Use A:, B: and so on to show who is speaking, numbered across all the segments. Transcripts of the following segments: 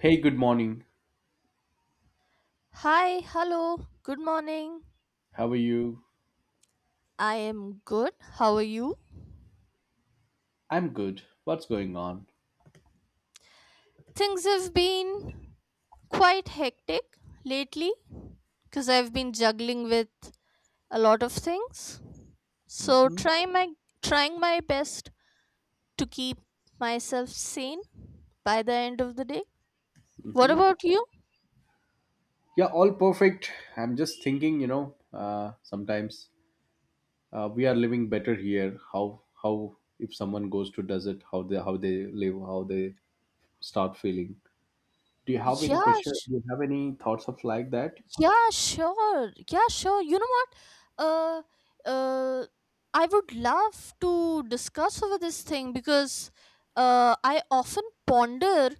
A: Hey, good morning.
B: Hi, hello, good morning.
A: How are you?
B: I am good. How are you?
A: I'm good. What's going on?
B: Things have been quite hectic lately because I've been juggling with a lot of things. So
A: Hmm.
B: trying my best to keep myself sane by the end of the day. What
A: Hmm.
B: about you?
A: Yeah, all perfect. I'm just thinking, sometimes we are living better here. How if someone goes to desert, how they live, how they start feeling. Do you have any
B: Yeah,
A: question? Do you have any thoughts of like that?
B: Yeah, sure. Yeah, sure. You know what? Uh, uh, I would love to discuss over this thing because I often ponder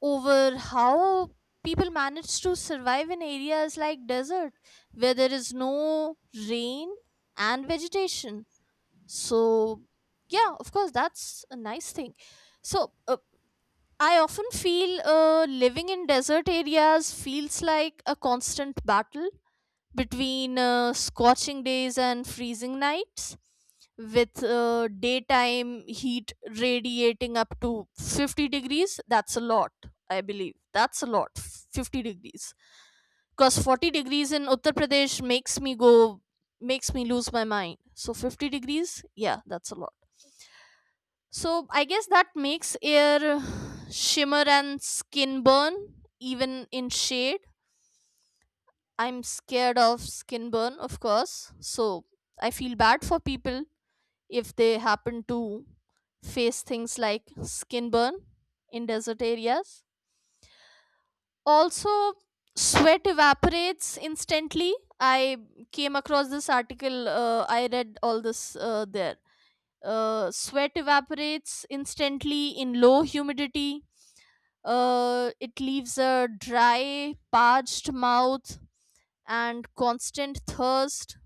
B: over how people manage to survive in areas like desert where there is no rain and vegetation. So, yeah, of course, that's a nice thing. So, I often feel living in desert areas feels like a constant battle between scorching days and freezing nights, with daytime heat radiating up to 50 degrees. That's a lot, I believe. That's a lot, 50 degrees. Because 40 degrees in Uttar Pradesh makes me lose my mind. So 50 degrees, yeah, that's a lot. So I guess that makes air shimmer and skin burn, even in shade. I'm scared of skin burn, of course. So I feel bad for people if they happen to face things like skin burn in desert areas. Also, sweat evaporates instantly. I came across this article. I read all this there. Sweat evaporates instantly in low humidity. It leaves a dry, parched mouth and constant thirst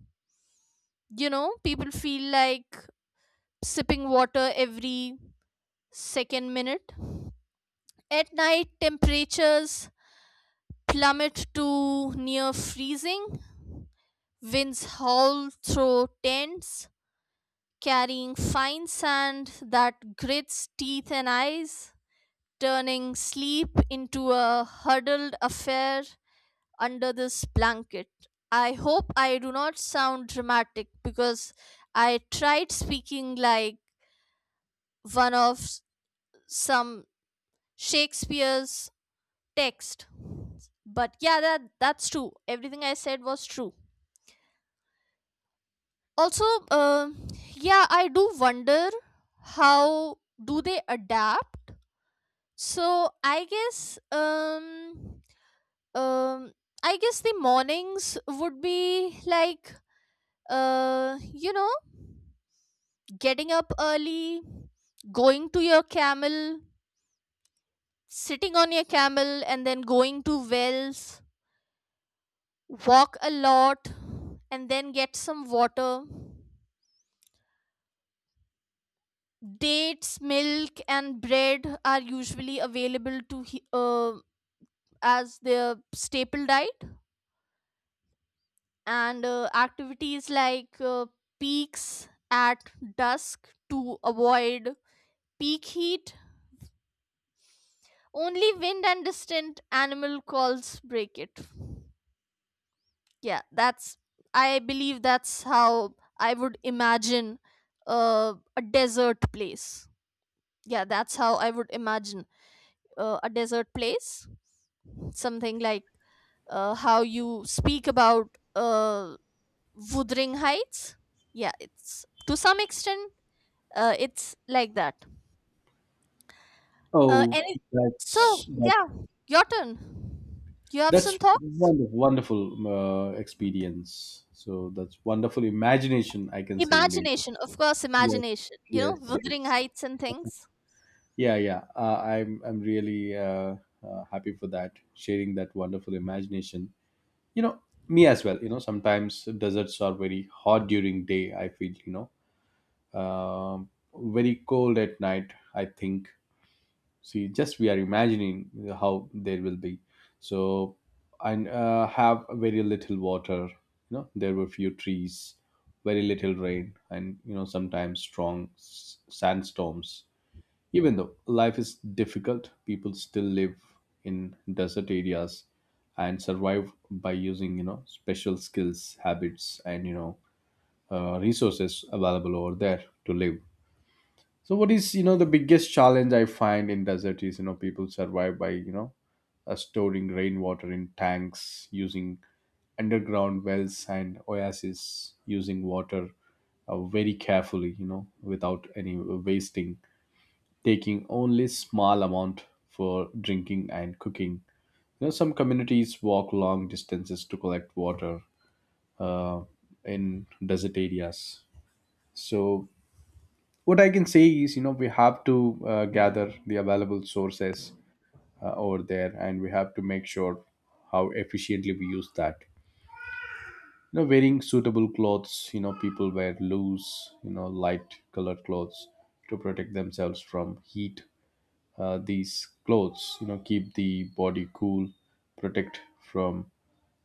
B: you know People feel like sipping water every second minute. At night, temperatures plummet to near freezing. Winds howl through tents, carrying fine sand that grits teeth and eyes, turning sleep into a huddled affair under this blanket. I hope I do not sound dramatic because I tried speaking like one of some Shakespeare's text. But yeah, that's true. Everything I said was true. Also, yeah, I do wonder how do they adapt. So I guess um the mornings would be like uh you know getting up early, going to your camel, sitting on your camel, and then going to wells, walk a lot, and then get some water. Dates, milk, and bread are usually available as their staple diet. And activities like peaks at dusk to avoid peak heat. Only wind and distant animal calls break it. Yeah, that's. I believe that's how I would imagine a desert place. Yeah, that's how I would imagine a desert place. Something like how you speak about Wuthering Heights. Yeah, it's to some extent it's like that.
A: Oh,
B: Any
A: that's
B: so
A: that,
B: yeah, your turn. You have
A: that's
B: some thought?
A: wonderful, wonderful experience. So that's wonderful imagination, I can say indeed.
B: Imagination, of course,
A: Yes,
B: imagination. You know,
A: yes,
B: Wuthering
A: yes.
B: Heights and things.
A: Yeah, yeah. I'm really happy for that, sharing that wonderful imagination. You know, me as well. Sometimes deserts are very hot during day. I feel very cold at night. I think. See, just we are imagining how there will be. So, and have very little water. There were few trees, very little rain, and sometimes strong sandstorms. Even though life is difficult, people still live in desert areas and survive by using, special skills, habits, and, resources available over there to live. So, what is, the biggest challenge I find in desert is, people survive by, storing rainwater in tanks, using underground wells and oases, using water very carefully, without any wasting, taking only small amount for drinking and cooking. Some communities walk long distances to collect water uh, in desert areas. So what I can say is, we have to gather the available sources over there, and we have to make sure how efficiently we use that. Wearing suitable clothes. People wear loose, light colored clothes to protect themselves from heat. These clothes keep the body cool, protect from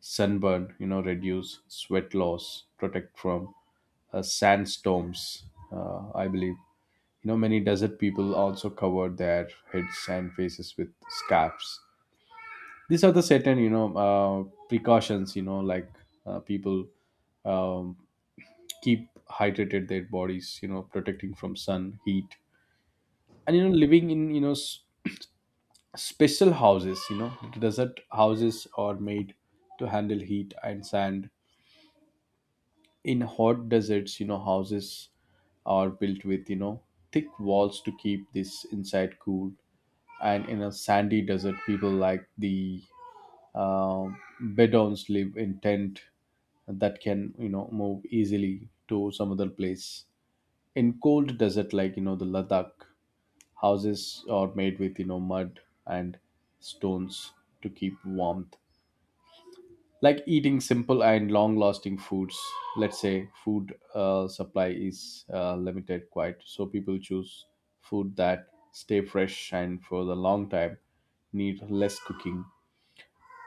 A: sunburn, reduce sweat loss, protect from sandstorms, I believe. Many desert people also cover their heads and faces with scarves. These are the certain precautions, like people um, keep hydrated their bodies, protecting from sun heat, and living in special houses. Desert houses are made to handle heat and sand. In hot deserts, houses are built with thick walls to keep this inside cool. And in a sandy desert, people like the Bedouins live in tent that can move easily to some other place. In cold desert like the Ladakh, houses are made with mud and stones to keep warmth. Like eating simple and long-lasting foods. Let's say food supply is limited quite, so people choose food that stay fresh and for the long time, need less cooking,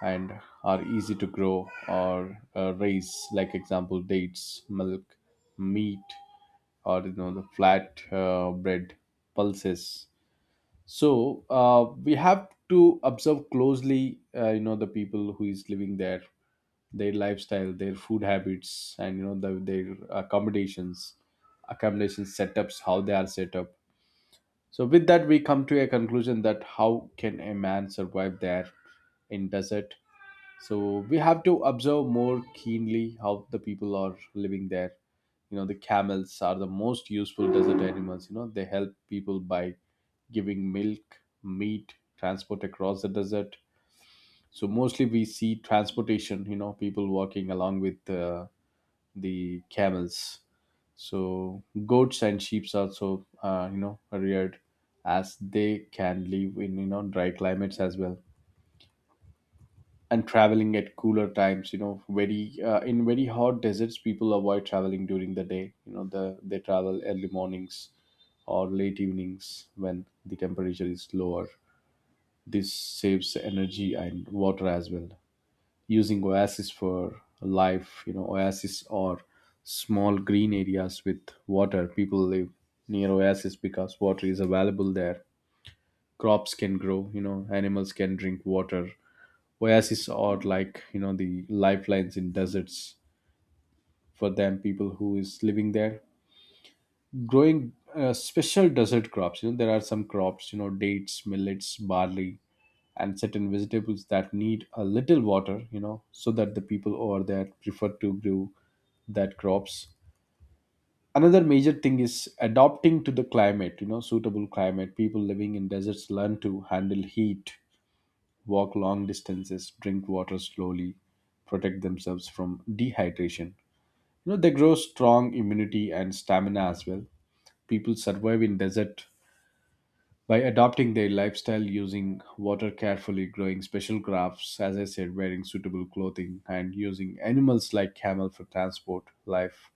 A: and are easy to grow or raise. Like example, dates, milk, meat, or the flat bread, pulses. So we have to observe closely, the people who is living there, their lifestyle, their food habits, and their accommodation setups, how they are set up. So with that, we come to a conclusion that how can a man survive there in desert. So we have to observe more keenly how the people are living there. The camels are the most useful desert animals. They help people by giving milk, meat, transport across the desert. So mostly we see transportation, people walking along with the camels. So goats and sheep also, are reared as they can live in dry climates as well. And traveling at cooler times, very in very hot deserts, people avoid traveling during the day. They travel early mornings or late evenings when the temperature is lower. This saves energy and water as well. Using oasis for life, oasis or small green areas with water. People live near oasis because water is available there. Crops can grow, animals can drink water. Oasis are like, the lifelines in deserts for them, people who is living there, growing special desert crops. There are some crops, dates, millets, barley, and certain vegetables that need a little water, so that the people over there prefer to grow that crops. Another major thing is adopting to the climate, suitable climate. People living in deserts learn to handle heat, walk long distances, drink water slowly, protect themselves from dehydration. They grow strong immunity and stamina as well. People survive in desert by adopting their lifestyle, using water carefully, growing special crops, as I said, wearing suitable clothing, and using animals like camel for transport. life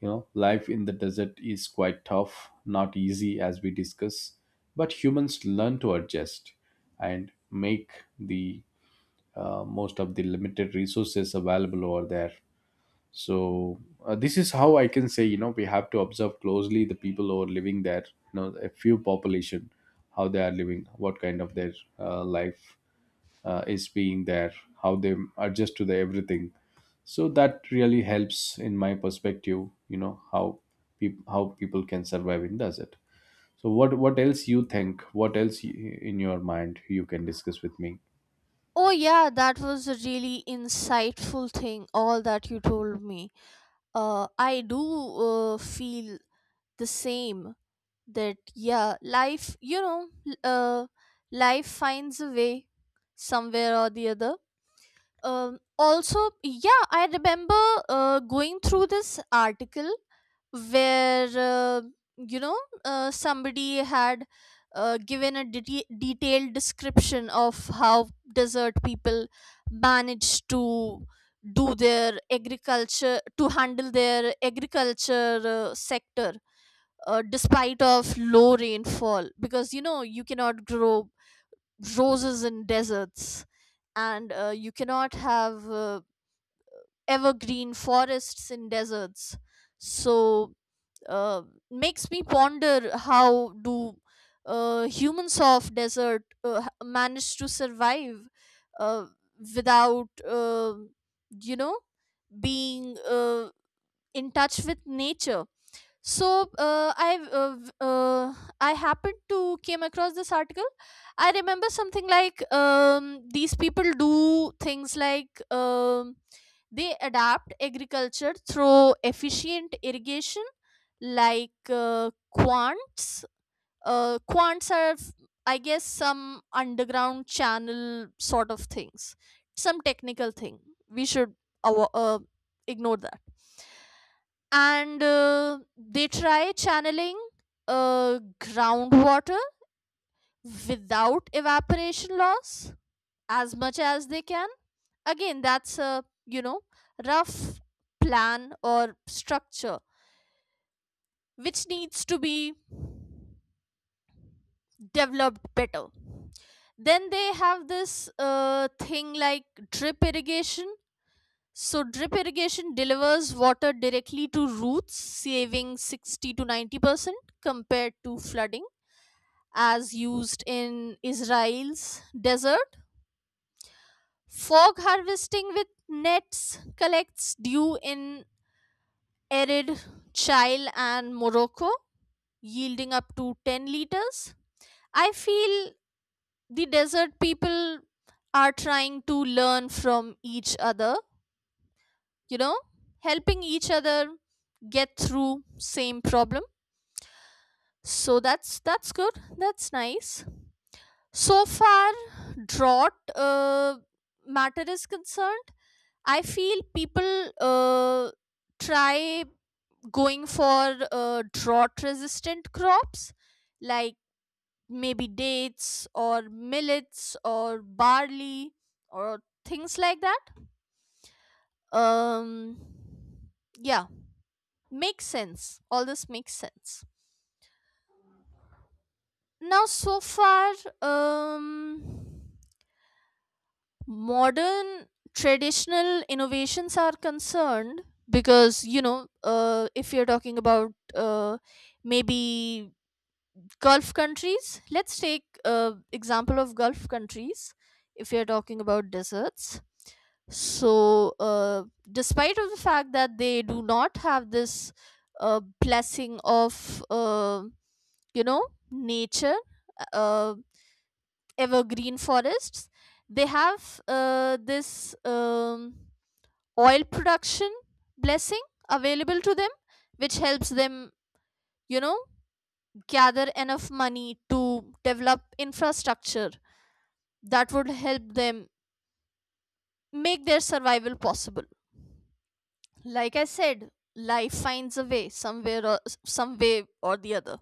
A: you know life in the desert is quite tough, not easy as we discuss, but humans learn to adjust and make the most of the limited resources available over there. So this is how I can say, we have to observe closely the people who are living there, a few population, how they are living, what kind of their life is being there, how they adjust to the everything. So that really helps in my perspective, how peop how people can survive in desert. So what else you think, what else in your mind you can discuss with me?
B: Oh yeah, that was a really insightful thing. All that you told me. I do feel the same that yeah, life you know l- life finds a way somewhere or the other. Also, yeah, I remember going through this article where you know somebody had given a detailed description of how desert people manage to do their agriculture to handle their agriculture sector despite of low rainfall because you know you cannot grow roses in deserts. And you cannot have evergreen forests in deserts. So uh, makes me ponder how do humans of desert manage to survive uh, without you know being in touch with nature. So I happened to came across this article. I remember something like these people do things like they adapt agriculture through efficient irrigation like quants quants. I guess some underground channel sort of things, some technical thing we should awa- uh, ignore that. And they try channeling groundwater without evaporation loss as much as they can. Again, that's a rough plan or structure which needs to be developed better. Then they have this thing like drip irrigation. So drip irrigation delivers water directly to roots, saving 60 to 90% compared to flooding as used in Israel's desert. Fog harvesting with nets collects dew in arid Chile and Morocco, yielding up to 10 liters. I feel the desert people are trying to learn from each other, you know, helping each other get through same problem. So that's good. That's nice. So far drought matter is concerned, I feel people try going for drought resistant crops like maybe dates or millets or barley or things like that. Um, yeah, makes sense. All this makes sense. Now, so far, um, modern traditional innovations are concerned because if you're talking about maybe Gulf countries, let's take example of Gulf countries if you're talking about deserts. So despite of the fact that they do not have this blessing of you know nature, uh, evergreen forests, they have this oil production blessing available to them, which helps them you know gather enough money to develop infrastructure that would help them make their survival possible. Like I said, life finds a way somewhere or some way or the other.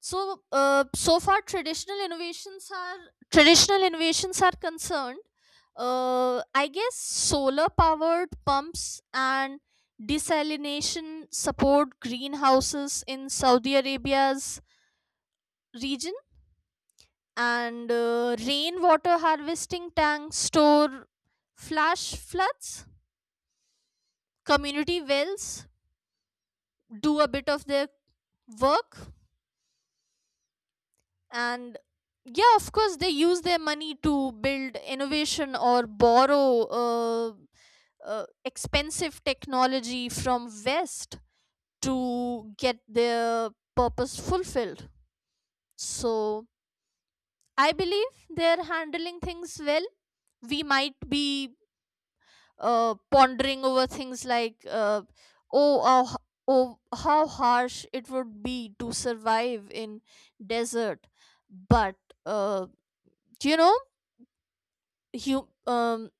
B: So so far traditional innovations are concerned, I guess solar powered pumps and desalination support greenhouses in Saudi Arabia's region. And rainwater harvesting tanks store flash floods, community wells do a bit of their work, and yeah, of course, they use their money to build innovation or borrow expensive technology from west to get their purpose fulfilled. So I believe they're handling things well. We might be pondering over things like oh, oh oh how harsh it would be to survive in desert. But uh, you know hu- um,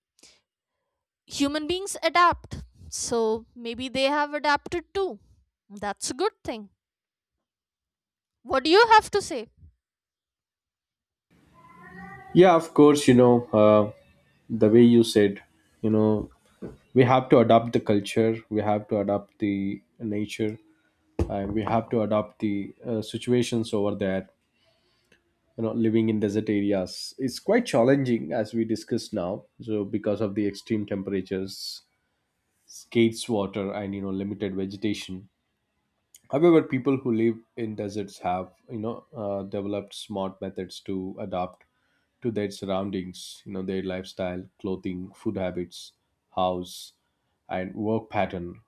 B: human beings adapt, so maybe they have adapted too. That's a good thing. What do you have to say?
A: Yeah, of course. You know uh, the way you said, you know we have to adapt the culture, we have to adapt the nature, and we have to adapt the situations over there. Living in desert areas is quite challenging as we discussed now, so because of the extreme temperatures, scarce water, and limited vegetation, however, people who live in deserts have developed smart methods to adapt to their surroundings. Their lifestyle, clothing, food habits, house, and work pattern,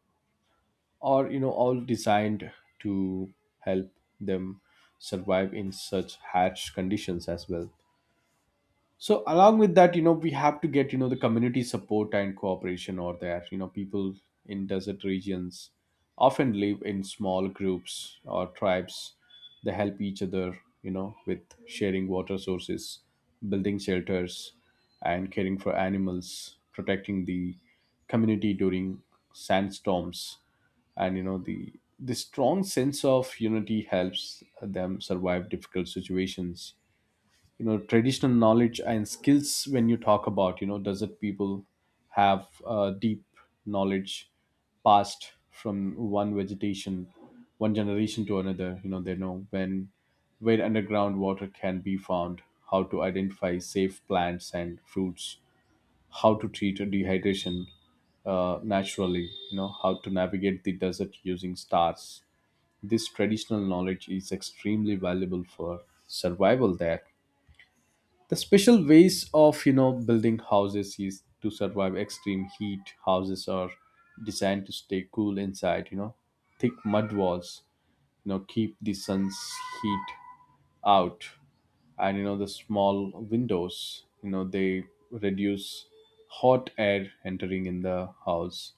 A: or all designed to help them survive in such harsh conditions as well. So along with that, we have to get, the community support and cooperation or there. People in desert regions often live in small groups or tribes. They help each other, with sharing water sources, building shelters, and caring for animals, protecting the community during sandstorms. And the strong sense of unity helps them survive difficult situations. Traditional knowledge and skills, when you talk about, desert people have deep knowledge passed from one generation to another. They know when, where underground water can be found, how to identify safe plants and fruits, how to treat a dehydration naturally, how to navigate the desert using stars. This traditional knowledge is extremely valuable for survival there. The special ways of building houses is to survive extreme heat. Houses are designed to stay cool inside, thick mud walls, keep the sun's heat out, and the small windows, they reduce hot air entering in the house.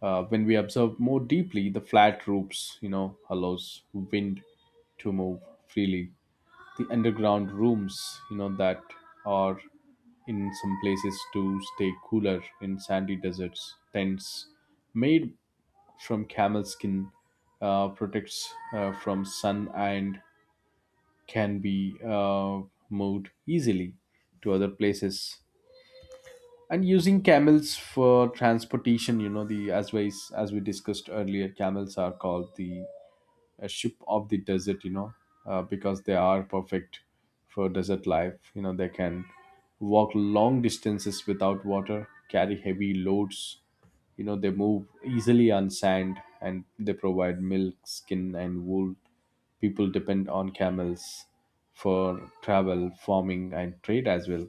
A: When we observe more deeply, the flat roofs allows wind to move freely, the underground rooms that are in some places to stay cooler. In sandy deserts, tents made from camel skin protects from sun and can be moved easily to other places. And using camels for transportation, you know the as we discussed earlier, camels are called the a ship of the desert. Because they are perfect for desert life. They can walk long distances without water, carry heavy loads. They move easily on sand, and they provide milk, skin, and wool. People depend on camels for travel, farming, and trade as well.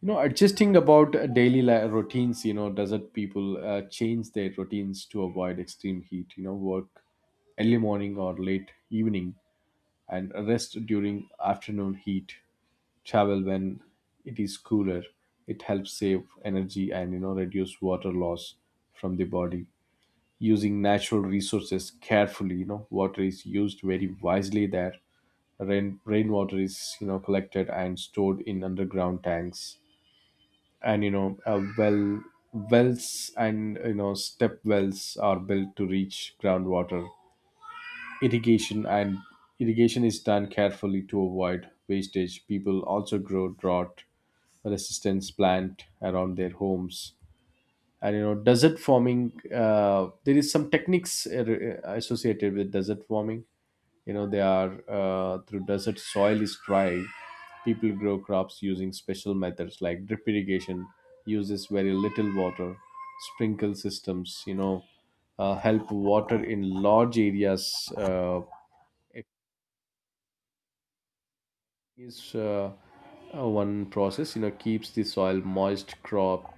A: Adjusting about daily routines. Desert people change their routines to avoid extreme heat. Work early morning or late evening, and rest during afternoon heat, travel when it is cooler. It helps save energy, and reduce water loss from the body. Using natural resources carefully, water is used very wisely there. Rainwater is, collected and stored in underground tanks, and wells and step wells are built to reach groundwater. irrigation and irrigation is done carefully to avoid wastage. People also grow drought resistance plant around their homes. And desert farming, there is some techniques associated with desert farming. They are, through desert soil is tried, people grow crops using special methods like drip irrigation, uses very little water. Sprinkle systems, help water in large areas. It is, one process, keeps the soil moist. Crop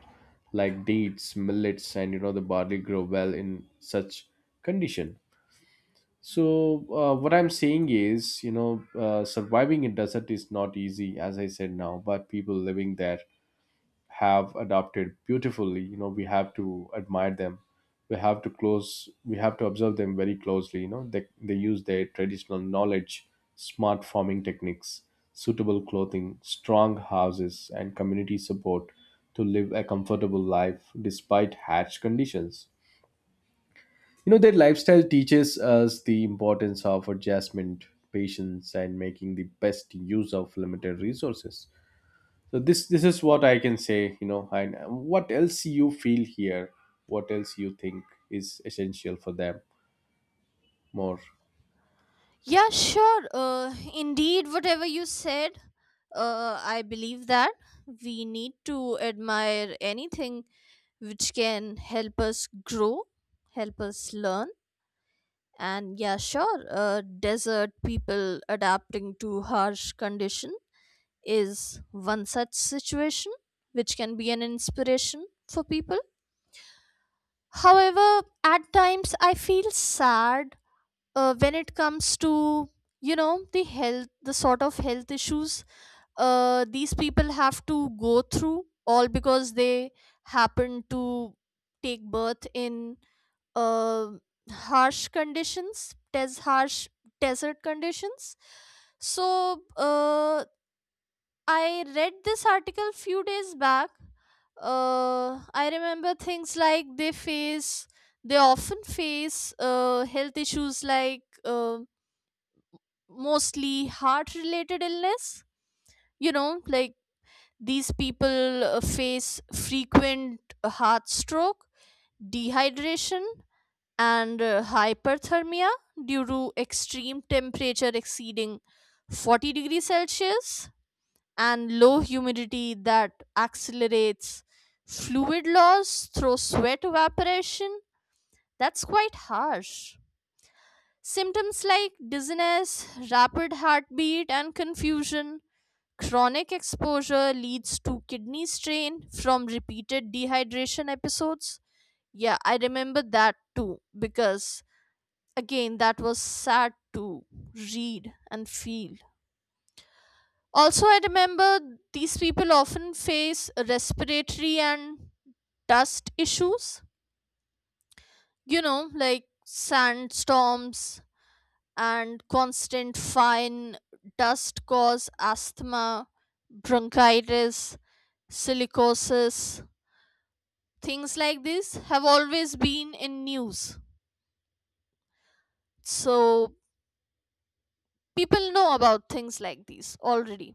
A: like dates, millets, and the barley grow well in such condition. So what I'm saying is, surviving in desert is not easy, as I said now, but people living there have adapted beautifully. You know, we have to admire them. We have to close. We have to observe them very closely. You know, they use their traditional knowledge, smart farming techniques, suitable clothing, strong houses, and community support to live a comfortable life despite harsh conditions. You know, their lifestyle teaches us the importance of adjustment, patience, and making the best use of limited resources. So this is what I can say. You know, and What else you feel here? What else you think is essential for them more?
B: Yeah, sure, indeed whatever you said, I believe that we need to admire anything which can help us grow, help us learn, and yeah, sure, desert people adapting to harsh conditions is one such situation which can be an inspiration for people. However, at times I feel sad when it comes to the sort of health issues these people have to go through all because they happen to take birth in uh, harsh desert conditions. So I read this article few days back. I remember things like they often face health issues like mostly heart related illness. You know, like these people face frequent heart stroke, dehydration, and hyperthermia due to extreme temperature exceeding 40 degrees Celsius and low humidity that accelerates fluid loss through sweat evaporation. That's quite harsh. Symptoms like dizziness, rapid heartbeat, and confusion. Chronic exposure leads to kidney strain from repeated dehydration episodes. Yeah, I remember that too because, again, that was sad to read and feel. Also, I remember these people often face respiratory and dust issues, like sandstorms and constant fine dust cause asthma, bronchitis, silicosis. Things like this have always been in news. So, people know about things like these already.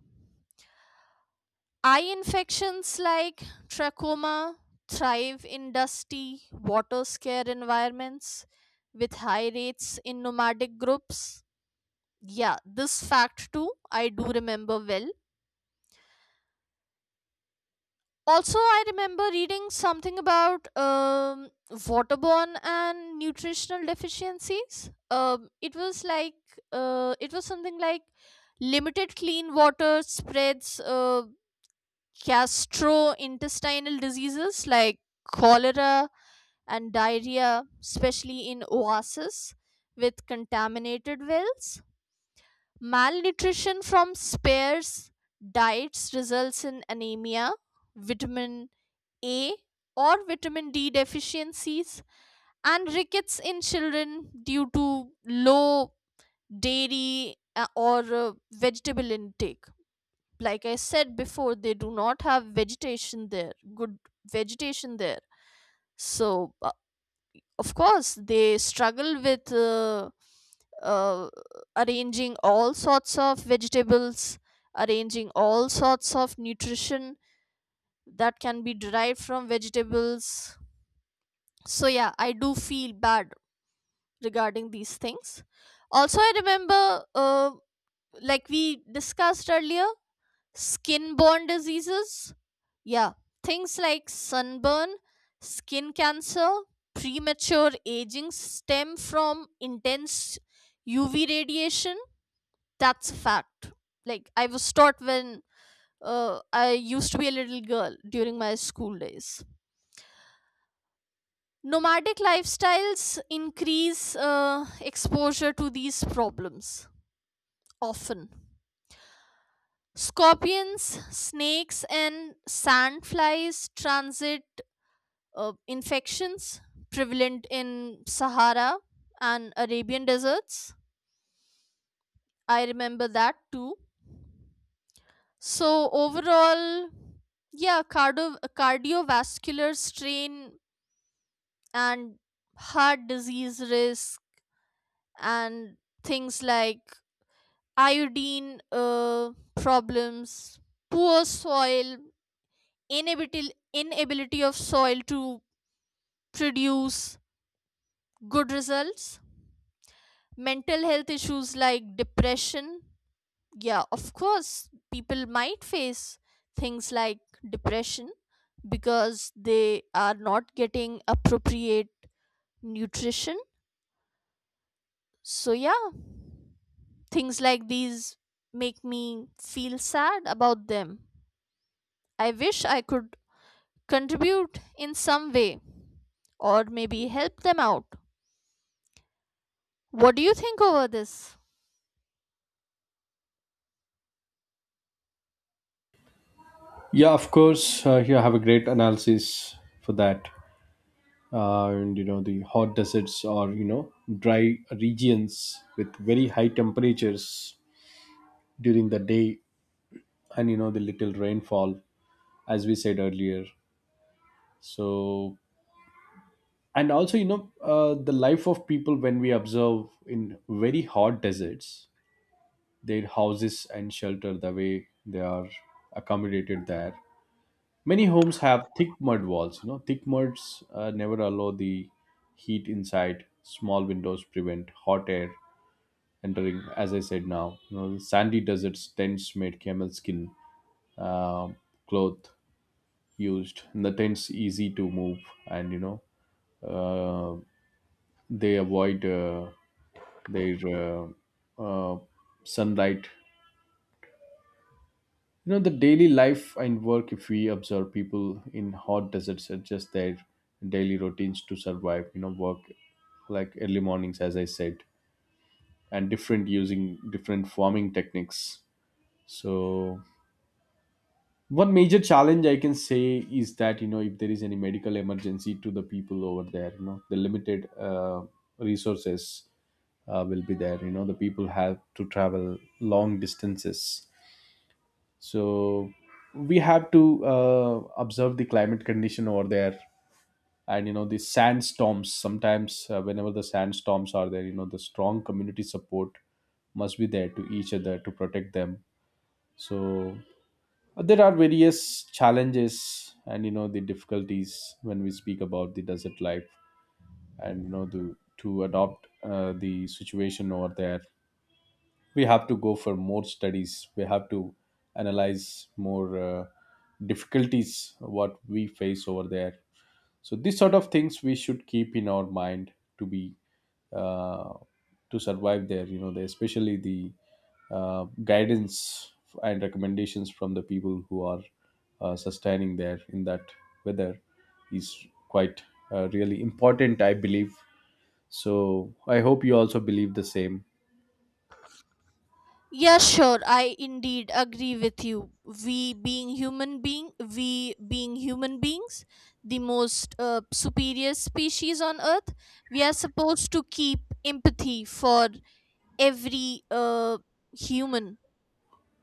B: Eye infections like trachoma thrive in dusty, water scare environments with high rates in nomadic groups. Yeah, this fact too, I do remember well. Also, I remember reading something about waterborne and nutritional deficiencies. It was something like limited clean water spreads. Gastrointestinal diseases like cholera and diarrhea, especially in oases with contaminated wells. Malnutrition from sparse diets results in anemia, vitamin A or vitamin D deficiencies, and rickets in children due to low dairy or vegetable intake. Like I said before, they do not have vegetation there good vegetation there. So of course they struggle with uh, arranging all sorts of vegetables arranging all sorts of nutrition that can be derived from vegetables. So yeah, I do feel bad regarding these things. Also, I remember, like we discussed earlier, skin borne diseases? Yeah, things like sunburn, skin cancer, premature aging stem from intense UV radiation. That's a fact. Like, I was taught when I used to be a little girl during my school days. Nomadic lifestyles increase exposure to these problems often. Scorpions, snakes, and sandflies transit infections prevalent in Sahara and Arabian deserts. I remember that too. So overall, yeah, cardiovascular strain and heart disease risk and things like iodine problems, poor soil, inability of soil to produce good results, mental health issues like depression. Yeah, of course, people might face things like depression because they are not getting appropriate nutrition. So, yeah, things like these make me feel sad about them. I wish I could contribute in some way or maybe help them out. What do you think over this?
A: Yeah, of course. You have a great analysis for that. And you know the hot deserts, or you know, dry regions with very high temperatures during the day, and you know the little rainfall, as we said earlier. So, and also, you know, the life of people when we observe in very hot deserts, their houses and shelter, the way they are accommodated there, many homes have thick mud walls. You know, thick muds never allow the heat inside. Small windows prevent hot air entering, as I said now. You know, sandy deserts, tents made camel skin uh, cloth used, and the tents easy to move. And you know, uh, they avoid their uh, sunlight. You know, the daily life and work, if we observe, people in hot deserts adjust their daily routines to survive. You know, work like early mornings, as I said, and different, using different farming techniques. So one major challenge I can say is that, you know, if there is any medical emergency to the people over there, you know, the limited resources will be there. You know, the people have to travel long distances. So we have to observe the climate condition over there. And you know the sandstorms, sometimes whenever the sandstorms are there, you know, the strong community support must be there to each other, to protect them. So there are various challenges, and you know the difficulties, when we speak about the desert life, and you know, to adopt the situation over there. We have to go for more studies. We have to analyze more difficulties what we face over there. So these sort of things we should keep in our mind to be uh, to survive there. You know, the, especially the guidance and recommendations from the people who are sustaining there in that weather is quite really important, I believe. So I hope you also believe the same.
B: Yeah, sure. I indeed agree with you. We being human beings, the most superior species on earth, we are supposed to keep empathy for every human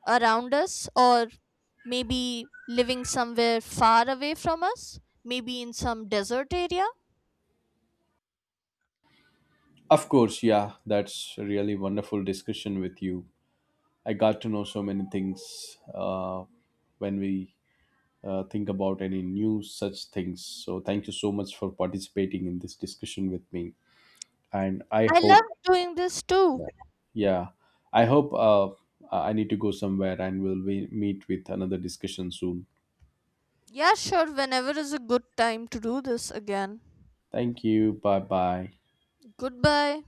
B: around us or maybe living somewhere far away from us, maybe in some desert area.
A: Of course, yeah, that's a really wonderful discussion with you. I got to know so many things when we think about any new such things. So thank you so much for participating in this discussion with me, and I
B: I love
A: hope.
B: doing this too.
A: Yeah, I hope I need to go somewhere, and we'll we meet with another discussion soon.
B: Yeah, sure. Whenever is a good time to do this again.
A: Thank you. Bye bye.
B: Goodbye.